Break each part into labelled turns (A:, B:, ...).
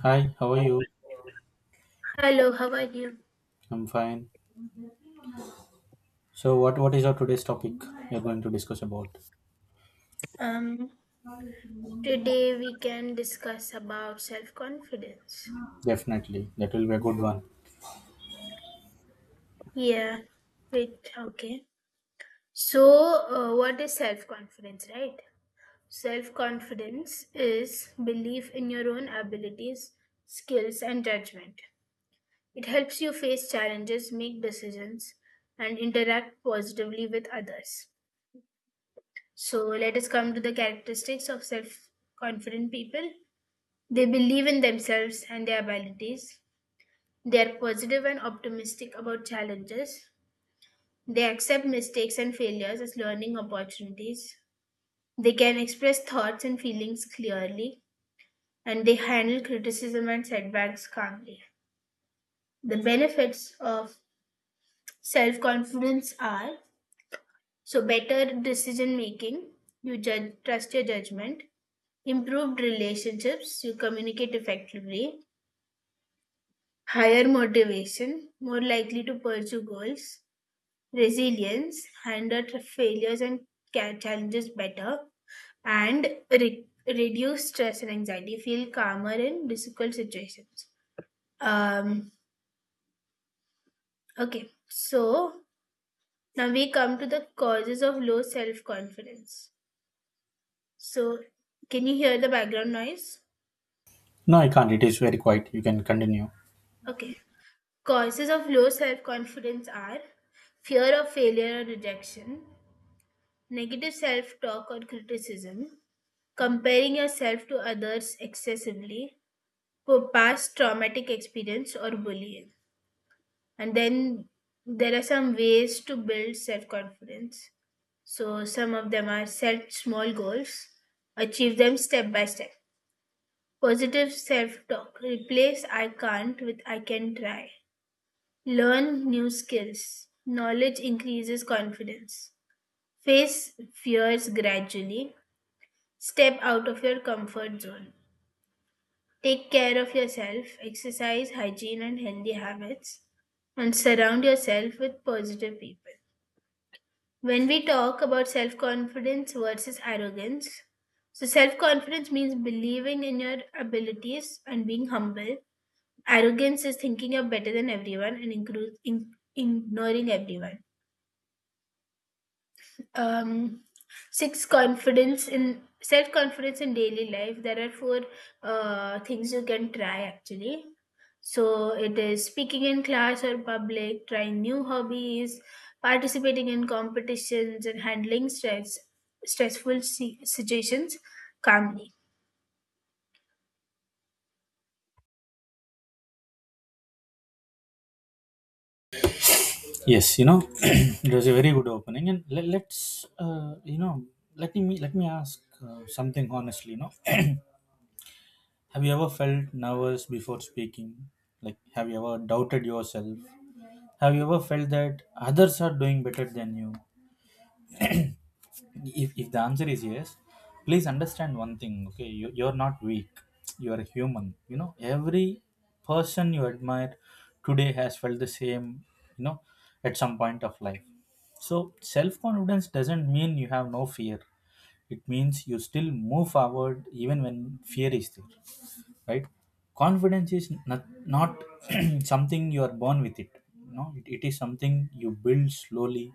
A: Hi, how are you?
B: Hello, how are you?
A: I'm fine. So what is our today's topic we are going to discuss about?
B: Um, Today we can discuss about self-confidence.
A: Definitely. That will be a good one.
B: Yeah, wait, okay. So, what is self-confidence, right? Self-confidence is belief in your own abilities, skills, and judgment. It helps you face challenges, make decisions, and interact positively with others. So, let us come to the characteristics of self-confident people. They believe in themselves and their abilities. They are positive and optimistic about challenges. They accept mistakes and failures as learning opportunities. They can express thoughts and feelings clearly, and they handle criticism and setbacks calmly. The benefits of self confidence are so better decision making, you judge, trust your judgment, improved relationships, you communicate effectively, higher motivation, more likely to pursue goals, resilience, handle the failures and challenges better, and reduce stress and anxiety, feel calmer in difficult situations. Um, okay, so now we come to the causes of low self confidence. So, can you hear the background noise?
A: No, I can't. It is very quiet. You can continue.
B: Okay, causes of low self confidence are fear of failure or rejection, negative self talk or criticism, comparing yourself to others excessively, for past traumatic experience or bullying, and then there are some ways to build self confidence. So some of them are set small goals, achieve them step by step, positive self talk, replace I can't with I can try, learn new skills, knowledge increases confidence, face fears gradually, step out of your comfort zone. Take care of yourself, exercise, hygiene, and healthy habits, and surround yourself with positive people. When we talk about self confidence versus arrogance, so self confidence means believing in your abilities and being humble. Arrogance is thinking you're better than everyone and ignoring everyone. um Six confidence in self confidence in daily life, there are four things you can try actually. So it is speaking in class or public, trying new hobbies, participating in competitions, and handling stress situations calmly.
A: Yes, it was a very good opening, and let's let me ask something honestly. Have you ever felt nervous before speaking? Like, have you ever doubted yourself? Have you ever felt that others are doing better than you? If the answer is yes, please understand one thing. Okay, you're not weak, you're a human. Every person you admire today has felt the same, you know at some point of life. So self-confidence doesn't mean you have no fear. It means you still move forward even when fear is there, right? Confidence is not something you are born with. It is something you build slowly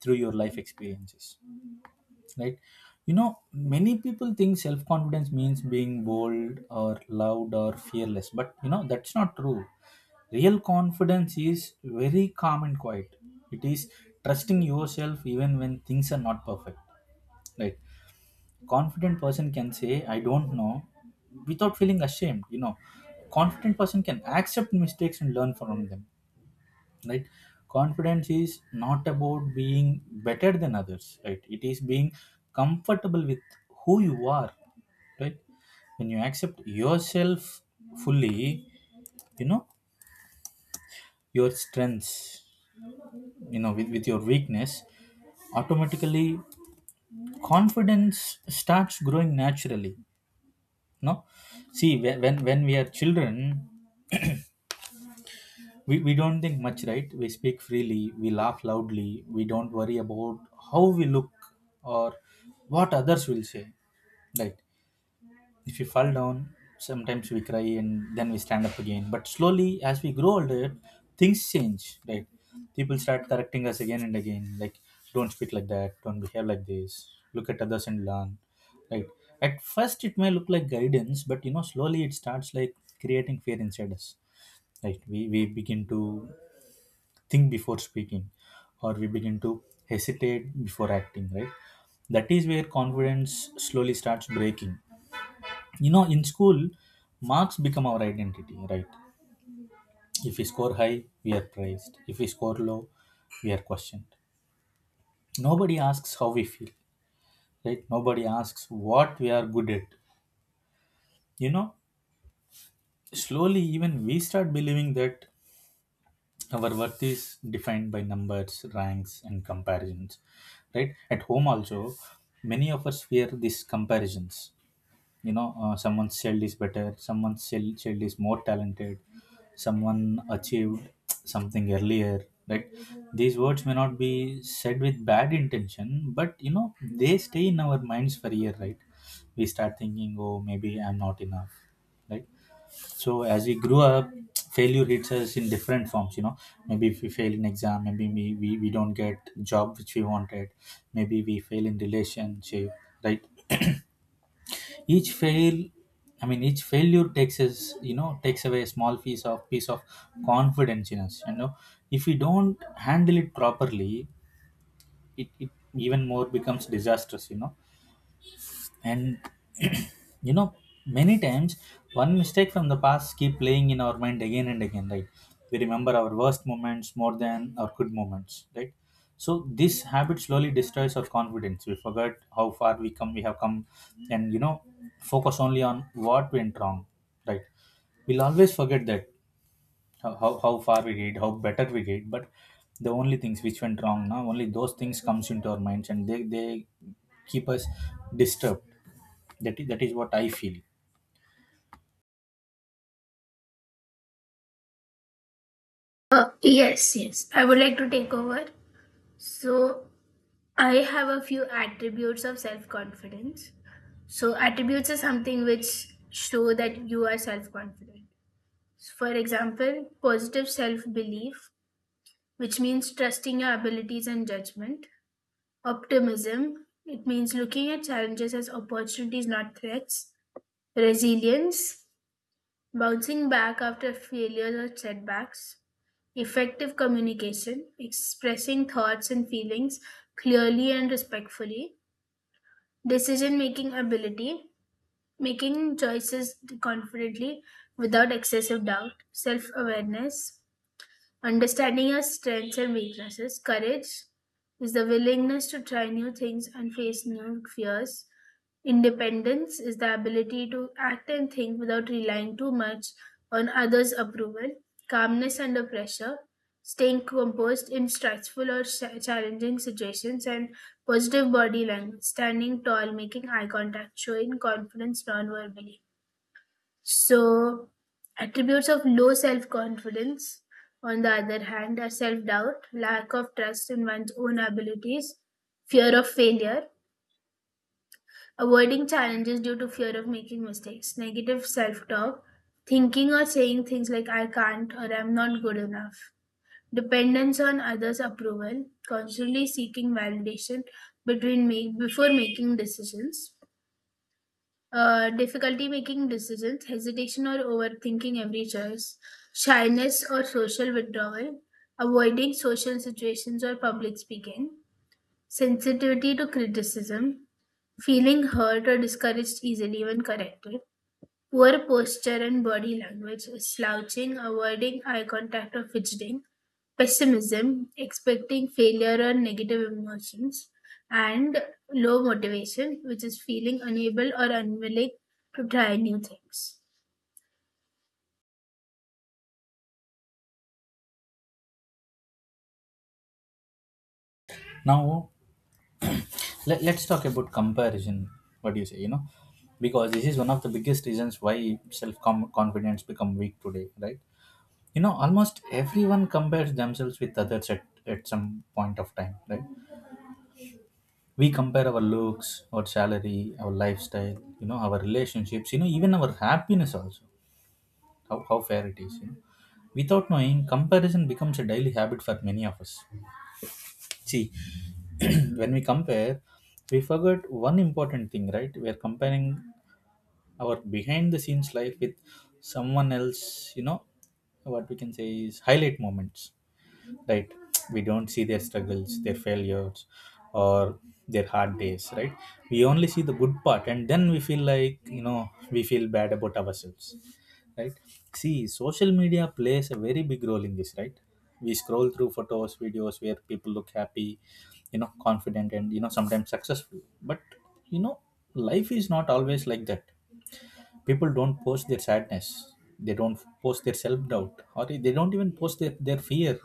A: through your life experiences, right? Many people think self confidence means being bold or loud or fearless, but that's not true. Real confidence is very calm and quiet. It is trusting yourself even when things are not perfect, right? confident person can say I don't know without feeling ashamed. Confident person can accept mistakes and learn from them, right? Confidence is not about being better than others, right? It is being comfortable with who you are, right? When you accept yourself fully, you know your strengths, with your weakness, automatically confidence starts growing naturally. No. See, when we are children, we don't think much, right? We speak freely, we laugh loudly, we don't worry about how we look or what others will say, right? If we fall down, sometimes we cry and then we stand up again. But slowly, as we grow older, things change, right? People start correcting us again and again, like, don't speak like that, don't behave like this, look at others and learn, right? At first, it may look like guidance, but slowly it starts like creating fear inside us, right? We begin to think before speaking, or we begin to hesitate before acting, right? That is where confidence slowly starts breaking. In school, marks become our identity, right? If we score high, we are praised. If we score low, we are questioned. Nobody asks how we feel, right? Nobody asks what we are good at you know Slowly, even we start believing that our worth is defined by numbers, ranks, and comparisons, right? At home also, many of us fear these comparisons. Someone's child is better, someone's child is more talented, someone achieved something earlier, right? These words may not be said with bad intention, but they stay in our minds for a year, right? We start thinking, oh, maybe I'm not enough, right? So as we grew up, failure hits us in different forms. Maybe if we fail in exam, maybe we don't get job which we wanted. Maybe we fail in relationship, right? each fail I mean, each failure takes us, takes away a small piece of confidence in us. If we don't handle it properly, it even more becomes disastrous. And you know many times one mistake from the past keep playing in our mind again and again, right? We remember our worst moments more than our good moments, right? So this habit slowly destroys our confidence. We forget how far we have come, and focus only on what went wrong, right? We'll always forget that how far we did, how better we did, but the only things which went wrong now, only those things comes into our minds, and they keep us disturbed. That is what I feel.
B: Yes, yes, I would like to take over. So, I have a few attributes of self confidence. So, attributes are something which show that you are self confident. For example, positive self belief, which means trusting your abilities and judgment, optimism, it means looking at challenges as opportunities, not threats, resilience, bouncing back after failures or setbacks, effective communication, expressing thoughts and feelings clearly and respectfully, decision making ability, making choices confidently without excessive doubt, self awareness, understanding your strengths and weaknesses. Courage is the willingness to try new things and face new fears. Independence is the ability to act and think without relying too much on others' approval. Calmness under pressure. Staying composed in stressful or challenging situations, and positive body language. Standing tall, making eye contact, showing confidence non verbally. So, attributes of low self confidence, on the other hand, are self doubt, lack of trust in one's own abilities, fear of failure, avoiding challenges due to fear of making mistakes, negative self talk, thinking or saying things like I can't or I'm not good enough, dependence on others' approval, constantly seeking validation between make, before making decisions, difficulty making decisions, hesitation or overthinking every choice, shyness or social withdrawal, avoiding social situations or public speaking, sensitivity to criticism, feeling hurt or discouraged easily when corrected, poor posture and body language, slouching, avoiding eye contact or fidgeting, pessimism, expecting failure or negative emotions, and low motivation, which is feeling unable or unwilling to try new things.
A: Now, let's talk about comparison. What do you say? Because this is one of the biggest reasons why self confidence become weak today, right? Almost everyone compares themselves with others at some point of time, right? We compare our looks, our salary, our lifestyle, our relationships, even our happiness also. How fair it is? Without knowing, comparison becomes a daily habit for many of us. See, when we compare, we forgot one important thing, right? We are comparing our behind the scenes life with someone else, what we can say is highlight moments, right? We don't see their struggles, their failures, or their hard days, right? We only see the good part, and then we feel like, we feel bad about ourselves, right? See, social media plays a very big role in this, right? We scroll through photos, videos where people look happy, confident, and sometimes successful, but you know life is not always like that. People don't post their sadness, they don't post their self-doubt, or they don't even post their fear,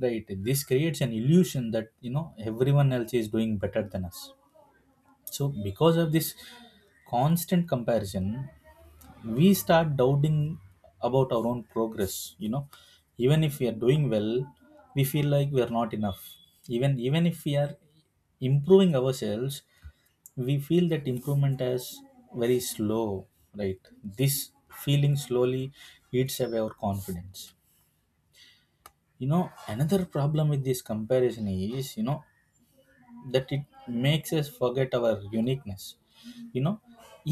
A: right? This creates an illusion that everyone else is doing better than us. So because of this constant comparison, we start doubting about our own progress. Even if we are doing well, we feel like we are not enough. Even if we are improving ourselves, we feel that improvement is very slow, right? This feeling slowly eats away our confidence. Another problem with this comparison is, that it makes us forget our uniqueness you know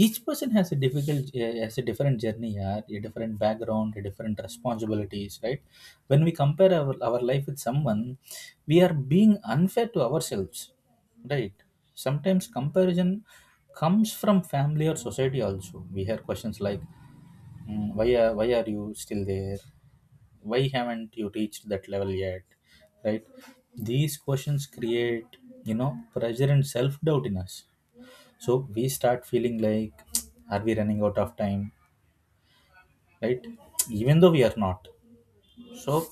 A: each person has a difficult has a different journey, yeah, a different background, a different responsibilities, right? When we compare our life with someone, we are being unfair to ourselves, right? Sometimes comparison comes from family or society also. We hear questions like, why are you still there? Why haven't you reached that level yet? Right? These questions create, pressure and self doubt in us. So we start feeling like, are we running out of time? Right? Even though we are not. So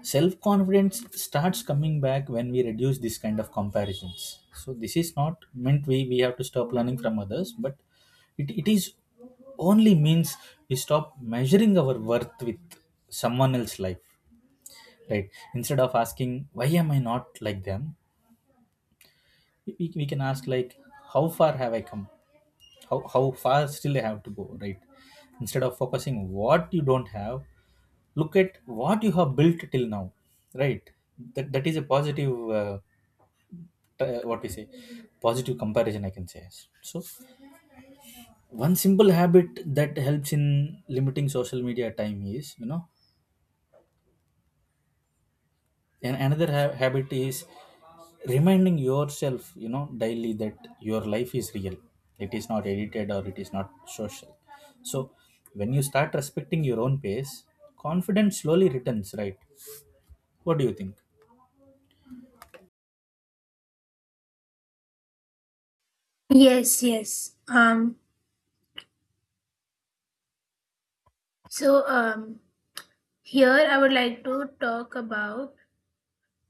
A: self confidence starts coming back when we reduce this kind of comparisons. So, this is not meant we have to stop learning from others, but it is only means we stop measuring our worth with someone else's life, right? Instead of asking, why am I not like them, we can ask, like, how far have I come? How far still they have to go, right? Instead of focusing what you don't have, look at what you have built till now, right? That is a positive what we say, positive comparison, I can say. So one simple habit that helps in limiting social media time is, and another habit is reminding yourself, daily that your life is real. It is not edited or it is not social. So when you start respecting your own pace, confidence slowly returns, right? What do you think?
B: Yes, yes. So, here I would like to talk about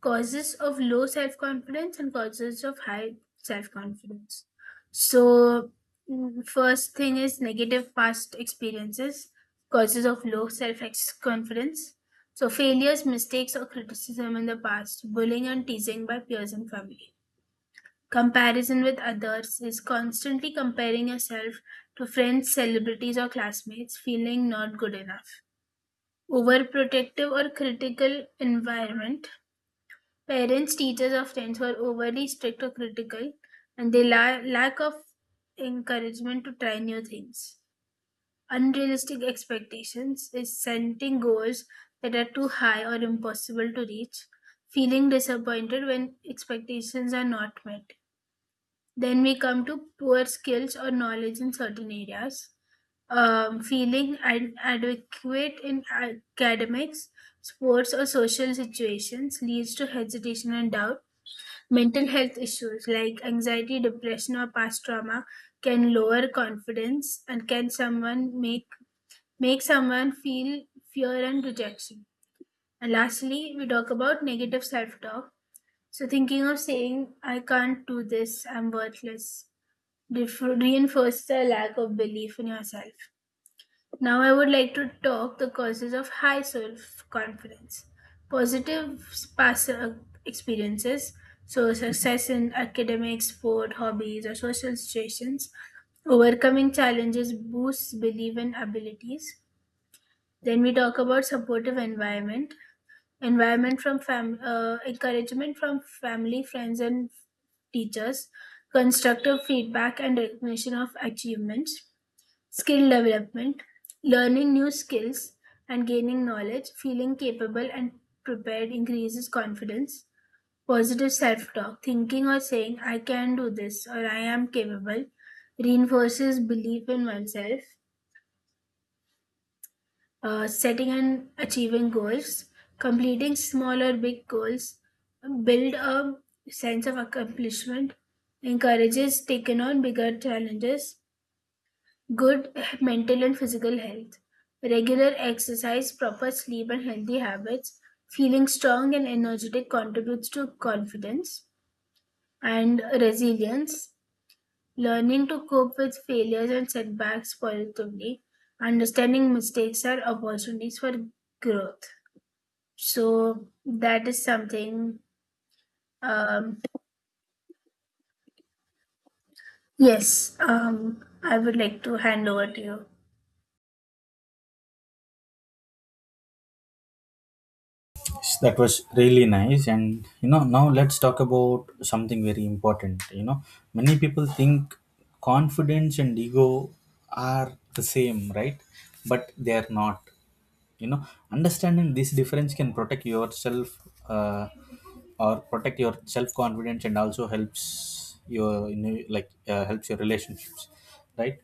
B: causes of low self confidence and causes of high self confidence. So, first thing is negative past experiences, causes of low self confidence. So, failures, mistakes, or criticism in the past, bullying and teasing by peers and family. Comparison with others is constantly comparing yourself to friends, celebrities, or classmates, feeling not good enough. Overprotective or critical environment. Parents, teachers of friends were overly strict or critical, and they lack of encouragement to try new things. Unrealistic expectations is setting goals that are too high or impossible to reach, feeling disappointed when expectations are not met. Then we come to poor skills or knowledge in certain areas, feeling adequate in academics, sports, or social situations leads to hesitation and doubt. Mental health issues like anxiety, depression, or past trauma can lower confidence and can someone make make someone feel fear and rejection. And lastly, we talk about negative self-talk. So thinking of saying I can't do this, I'm worthless, reinforces the lack of belief in yourself. Now, I would like to talk the causes of high self-confidence. Positive past experiences, so success in academics, sport, hobbies, or social situations, overcoming challenges boosts belief in abilities. Then we talk about supportive environment, environment from encouragement from family, friends, and teachers, constructive feedback, and recognition of achievements. Skill development, learning new skills and gaining knowledge, feeling capable and prepared increases confidence. Positive self talk, thinking or saying, I can do this or I am capable, reinforces belief in oneself. Setting and achieving goals, completing small or big goals, build a sense of accomplishment, encourages taking on bigger challenges, good mental and physical health, regular exercise, proper sleep, and healthy habits, feeling strong and energetic contributes to confidence and resilience, learning to cope with failures and setbacks positively, understanding mistakes are opportunities for growth. So, that is something, um, yes, I would like to hand over to you.
A: Yes, that was really nice, and now let's talk about something very important. Many people think confidence and ego are the same, right? But they are not. you know Understanding this difference can protect yourself, uh, or protect your self confidence, and also helps your you know, like helps your relationships, right?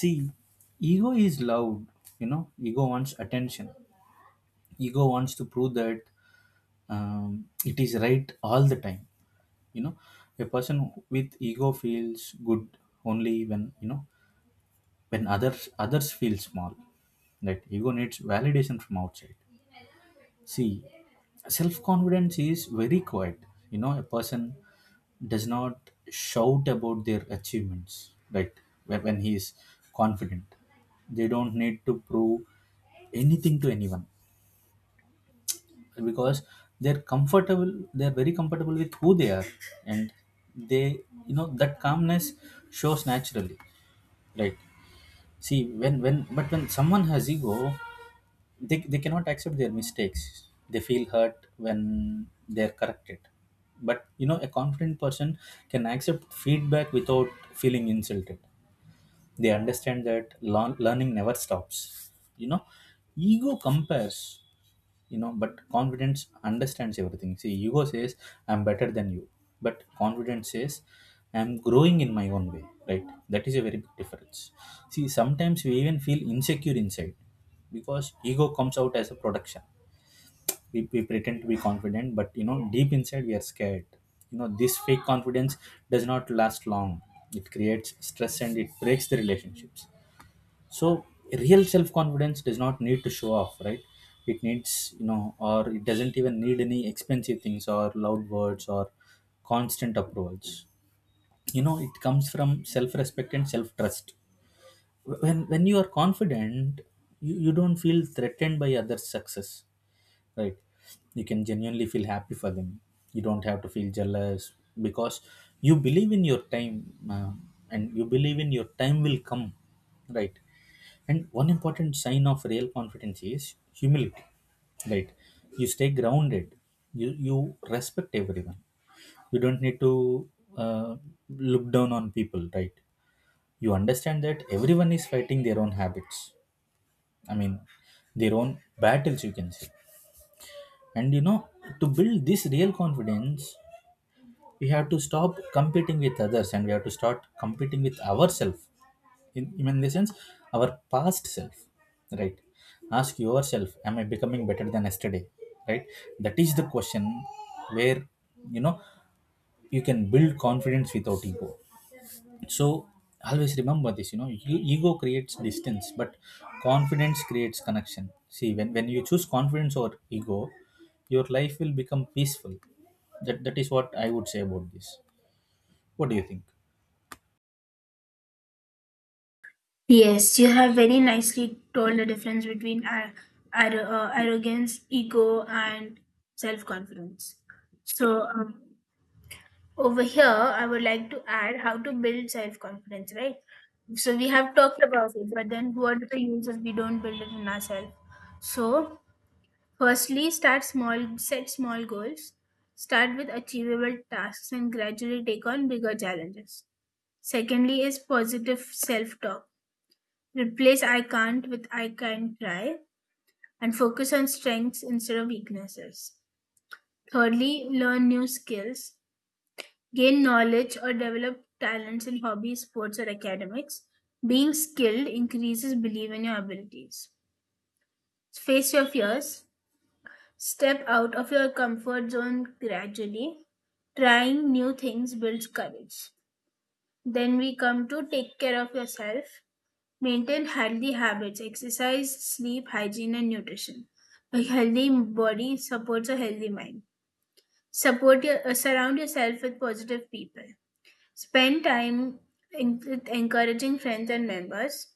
A: See, ego is loud. Ego wants attention. Ego wants to prove that, it is right all the time. you know a person with ego feels good only when, when others feel small. That ego needs validation from outside. See, self confidence is very quiet. A person does not shout about their achievements, right? When he is confident, they don't need to prove anything to anyone, because they're very comfortable with who they are, and that calmness shows naturally, right? See, but when someone has ego, they cannot accept their mistakes. They feel hurt when they're corrected. But you know, a confident person can accept feedback without feeling insulted. They understand that learning never stops. you know ego compares, but confidence understands everything. See, ego says I'm better than you, but confidence says I'm growing in my own way, right? That is a very big difference. See, sometimes we even feel insecure inside because ego comes out as a production. We pretend to be confident, but deep inside we are scared. You know, this fake confidence does not last long. It creates stress and it breaks the relationships. So real self confidence does not need to show off, right? It needs, or it doesn't even need any expensive things or loud words or constant approvals. You know, it comes from self respect and self trust. When you are confident, you don't feel threatened by others success, right? You can genuinely feel happy for them. You don't have to feel jealous because you believe in your time and you believe in your time will come, right? And one important sign of real confidence is humility, right? You stay grounded. You respect everyone. You don't need to uh, look down on people, right? You understand that everyone is fighting their own habits. I mean, their own battles, you can say. And you know, to build this real confidence, we have to stop competing with others and we have to start competing with ourselves, in the sense our past self, right? Ask yourself, am I becoming better than yesterday? Right? That is the question where, you know, you can build confidence without ego. So always remember this, you know, ego creates distance, but confidence creates connection. See, when you choose confidence or ego, your life will become peaceful. That is what I would say about this. What do you think?
B: Yes, you have very nicely told the difference between arrogance, ego, and self confidence. So, over here, I would like to add how to build self confidence, right? So, we have talked about it, but then what are the uses we don't build it in ourselves? So, firstly, start small, set small goals, start with achievable tasks, and gradually take on bigger challenges. Secondly, is positive self talk. Replace I can't with I can try, and focus on strengths instead of weaknesses. Thirdly, learn new skills, gain knowledge or develop talents in hobbies, sports, or academics. Being skilled increases belief in your abilities. Face your fears, step out of your comfort zone gradually. Trying new things builds courage. Then we come to take care of yourself. Maintain healthy habits, exercise, sleep, hygiene, and nutrition. A healthy body supports a healthy mind. Surround yourself with positive people. Spend time in, with encouraging friends and members.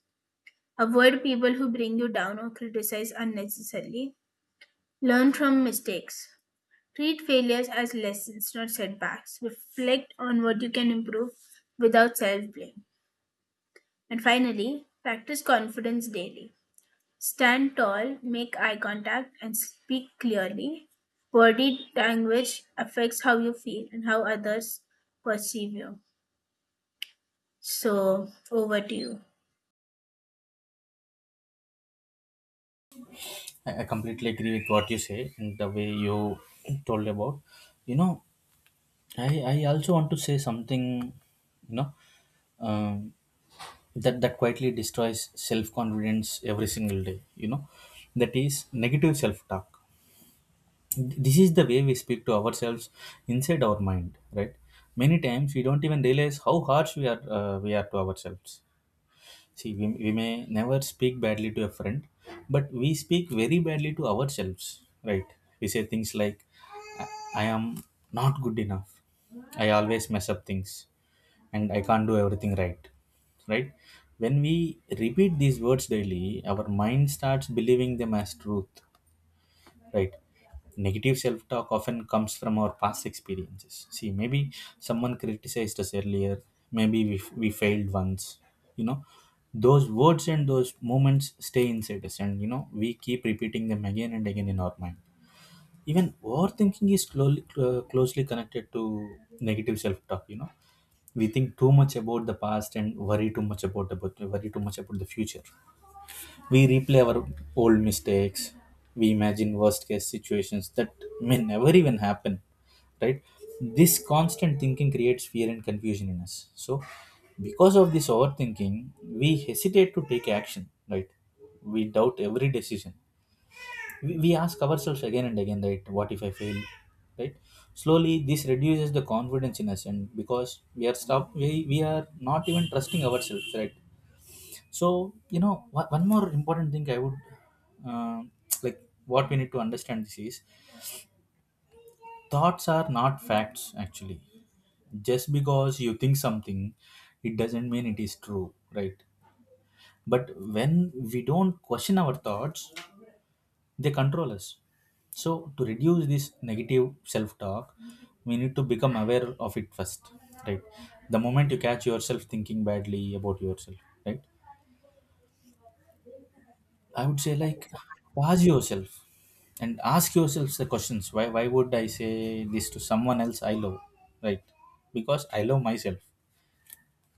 B: Avoid people who bring you down or criticize unnecessarily. Learn from mistakes. Treat failures as lessons, not setbacks. Reflect on what you can improve without self blame. And finally, practice confidence daily. Stand tall, make eye contact, and speak clearly. Body language affects how you feel and how others perceive you. So, over to you.
A: I completely agree with what you say and the way you told about. You know, I also want to say something, you know, um, that quietly destroys self confidence every single day, you know, that is negative self talk. This is the way we speak to ourselves inside our mind, right? Many times we don't even realize how harsh we are to ourselves. See, we may never speak badly to a friend, but we speak very badly to ourselves, right? We say things like, I, I am not good enough. I always mess up things and I can't do everything right, right? When we repeat these words daily, our mind starts believing them as truth, right? Negative self-talk often comes from our past experiences. See, maybe someone criticized us earlier, maybe we failed once. You know, those words and those moments stay inside us, and you know, we keep repeating them again and again in our mind. Even overthinking is closely connected to negative self-talk. You know, we think too much about the past and worry too much about the future. We replay our old mistakes. We imagine worst case situations that may never even happen, right? This constant thinking creates fear and confusion in us. So because of this overthinking, we hesitate to take action, right? We doubt every decision. We ask ourselves again and again, right? What if I fail? Right? Slowly, this reduces the confidence in us, and because we are not even trusting ourselves, right? So you know, one more important thing I would uh, like, what we need to understand this is thoughts are not facts actually. Just because you think something, it doesn't mean it is true, right? But when we don't question our thoughts, they control us. So to reduce this negative self talk, we need to become aware of it first, right? The moment you catch yourself thinking badly about yourself, right, I would say like, pause yourself and ask yourselves the questions. Why would I say this to someone else I love? Right? Because I love myself.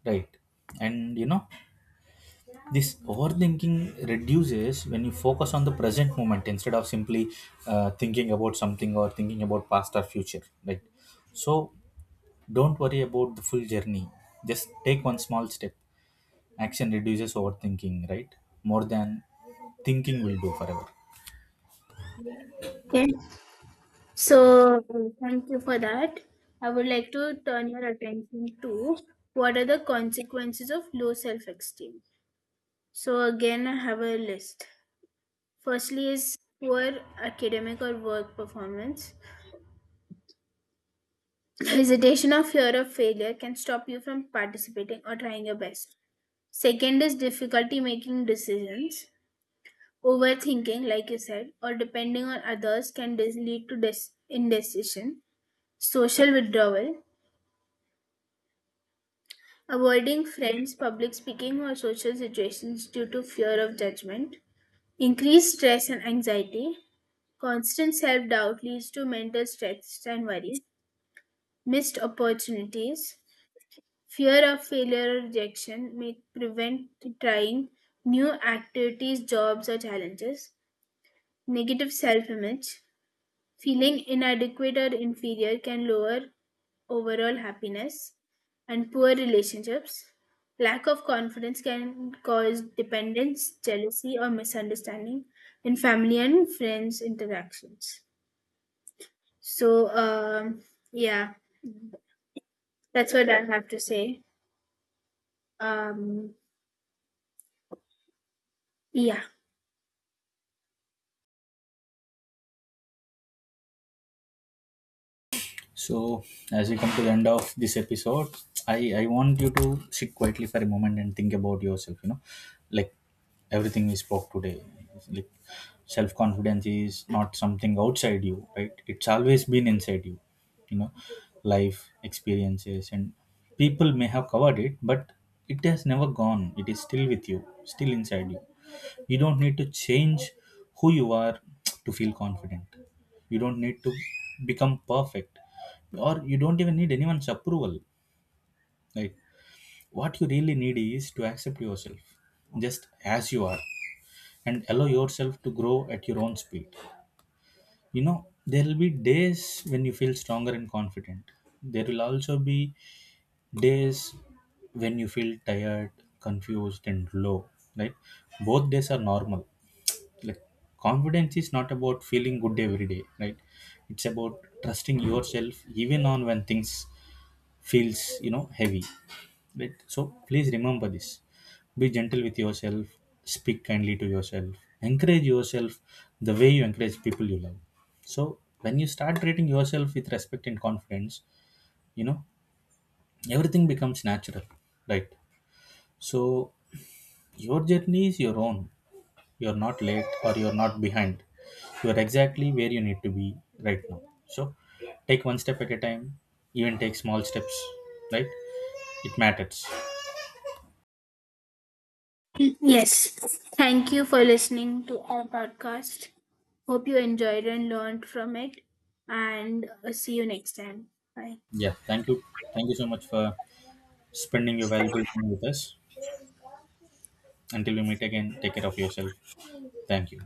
A: Right. And you know, this overthinking reduces when you focus on the present moment instead of simply thinking about something or thinking about past or future. Right. So don't worry about the full journey. Just take one small step. Action reduces overthinking, right? More than thinking will do forever.
B: Okay. So, thank you for that. I would like to turn your attention to what are the consequences of low self esteem. So, again, I have a list. Firstly, is poor academic or work performance. Hesitation or fear of failure can stop you from participating or trying your best. Second is difficulty making decisions. Overthinking, like you said, or depending on others can lead to indecision. Social withdrawal. Avoiding friends, public speaking, or social situations due to fear of judgment. Increased stress and anxiety. Constant self doubt leads to mental stress and worry. Missed opportunities. Fear of failure or rejection may prevent trying new activities, jobs, or challenges. Negative self image, feeling inadequate or inferior can lower overall happiness, and poor relationships. Lack of confidence can cause dependence, jealousy, or misunderstanding in family and friends interactions. So, yeah, that's what I have to say. Um, yeah.
A: So as we come to the end of this episode, I want you to sit quietly for a moment and think about yourself. You know, like, everything we spoke today, like, self confidence is not something outside you, right? It's always been inside you. You know, life experiences and people may have covered it, but it has never gone. It is still with you, still inside you. You don't need to change who you are to feel confident. You don't need to become perfect, or you don't even need anyone's approval. Like, what you really need is to accept yourself just as you are and allow yourself to grow at your own speed. You know, there will be days when you feel stronger and confident. There will also be days when you feel tired, confused, and low, right? Both days are normal. Like, confidence is not about feeling good every day, right? It's about trusting yourself even on when things feels, you know, heavy, right? So please remember this, be gentle with yourself, speak kindly to yourself, encourage yourself the way you encourage people you love. So when you start treating yourself with respect and confidence, you know, everything becomes natural, right? So your journey is your own. You're not late or you're not behind. You're exactly where you need to be right now. So take one step at a time, even take small steps, right? It matters.
B: Yes. Thank you for listening to our podcast. Hope you enjoyed and learned from it. And see you next time. Bye.
A: Yeah, thank you. Thank you so much for spending your valuable time with us. Until we meet again, take care of yourself. Thank you.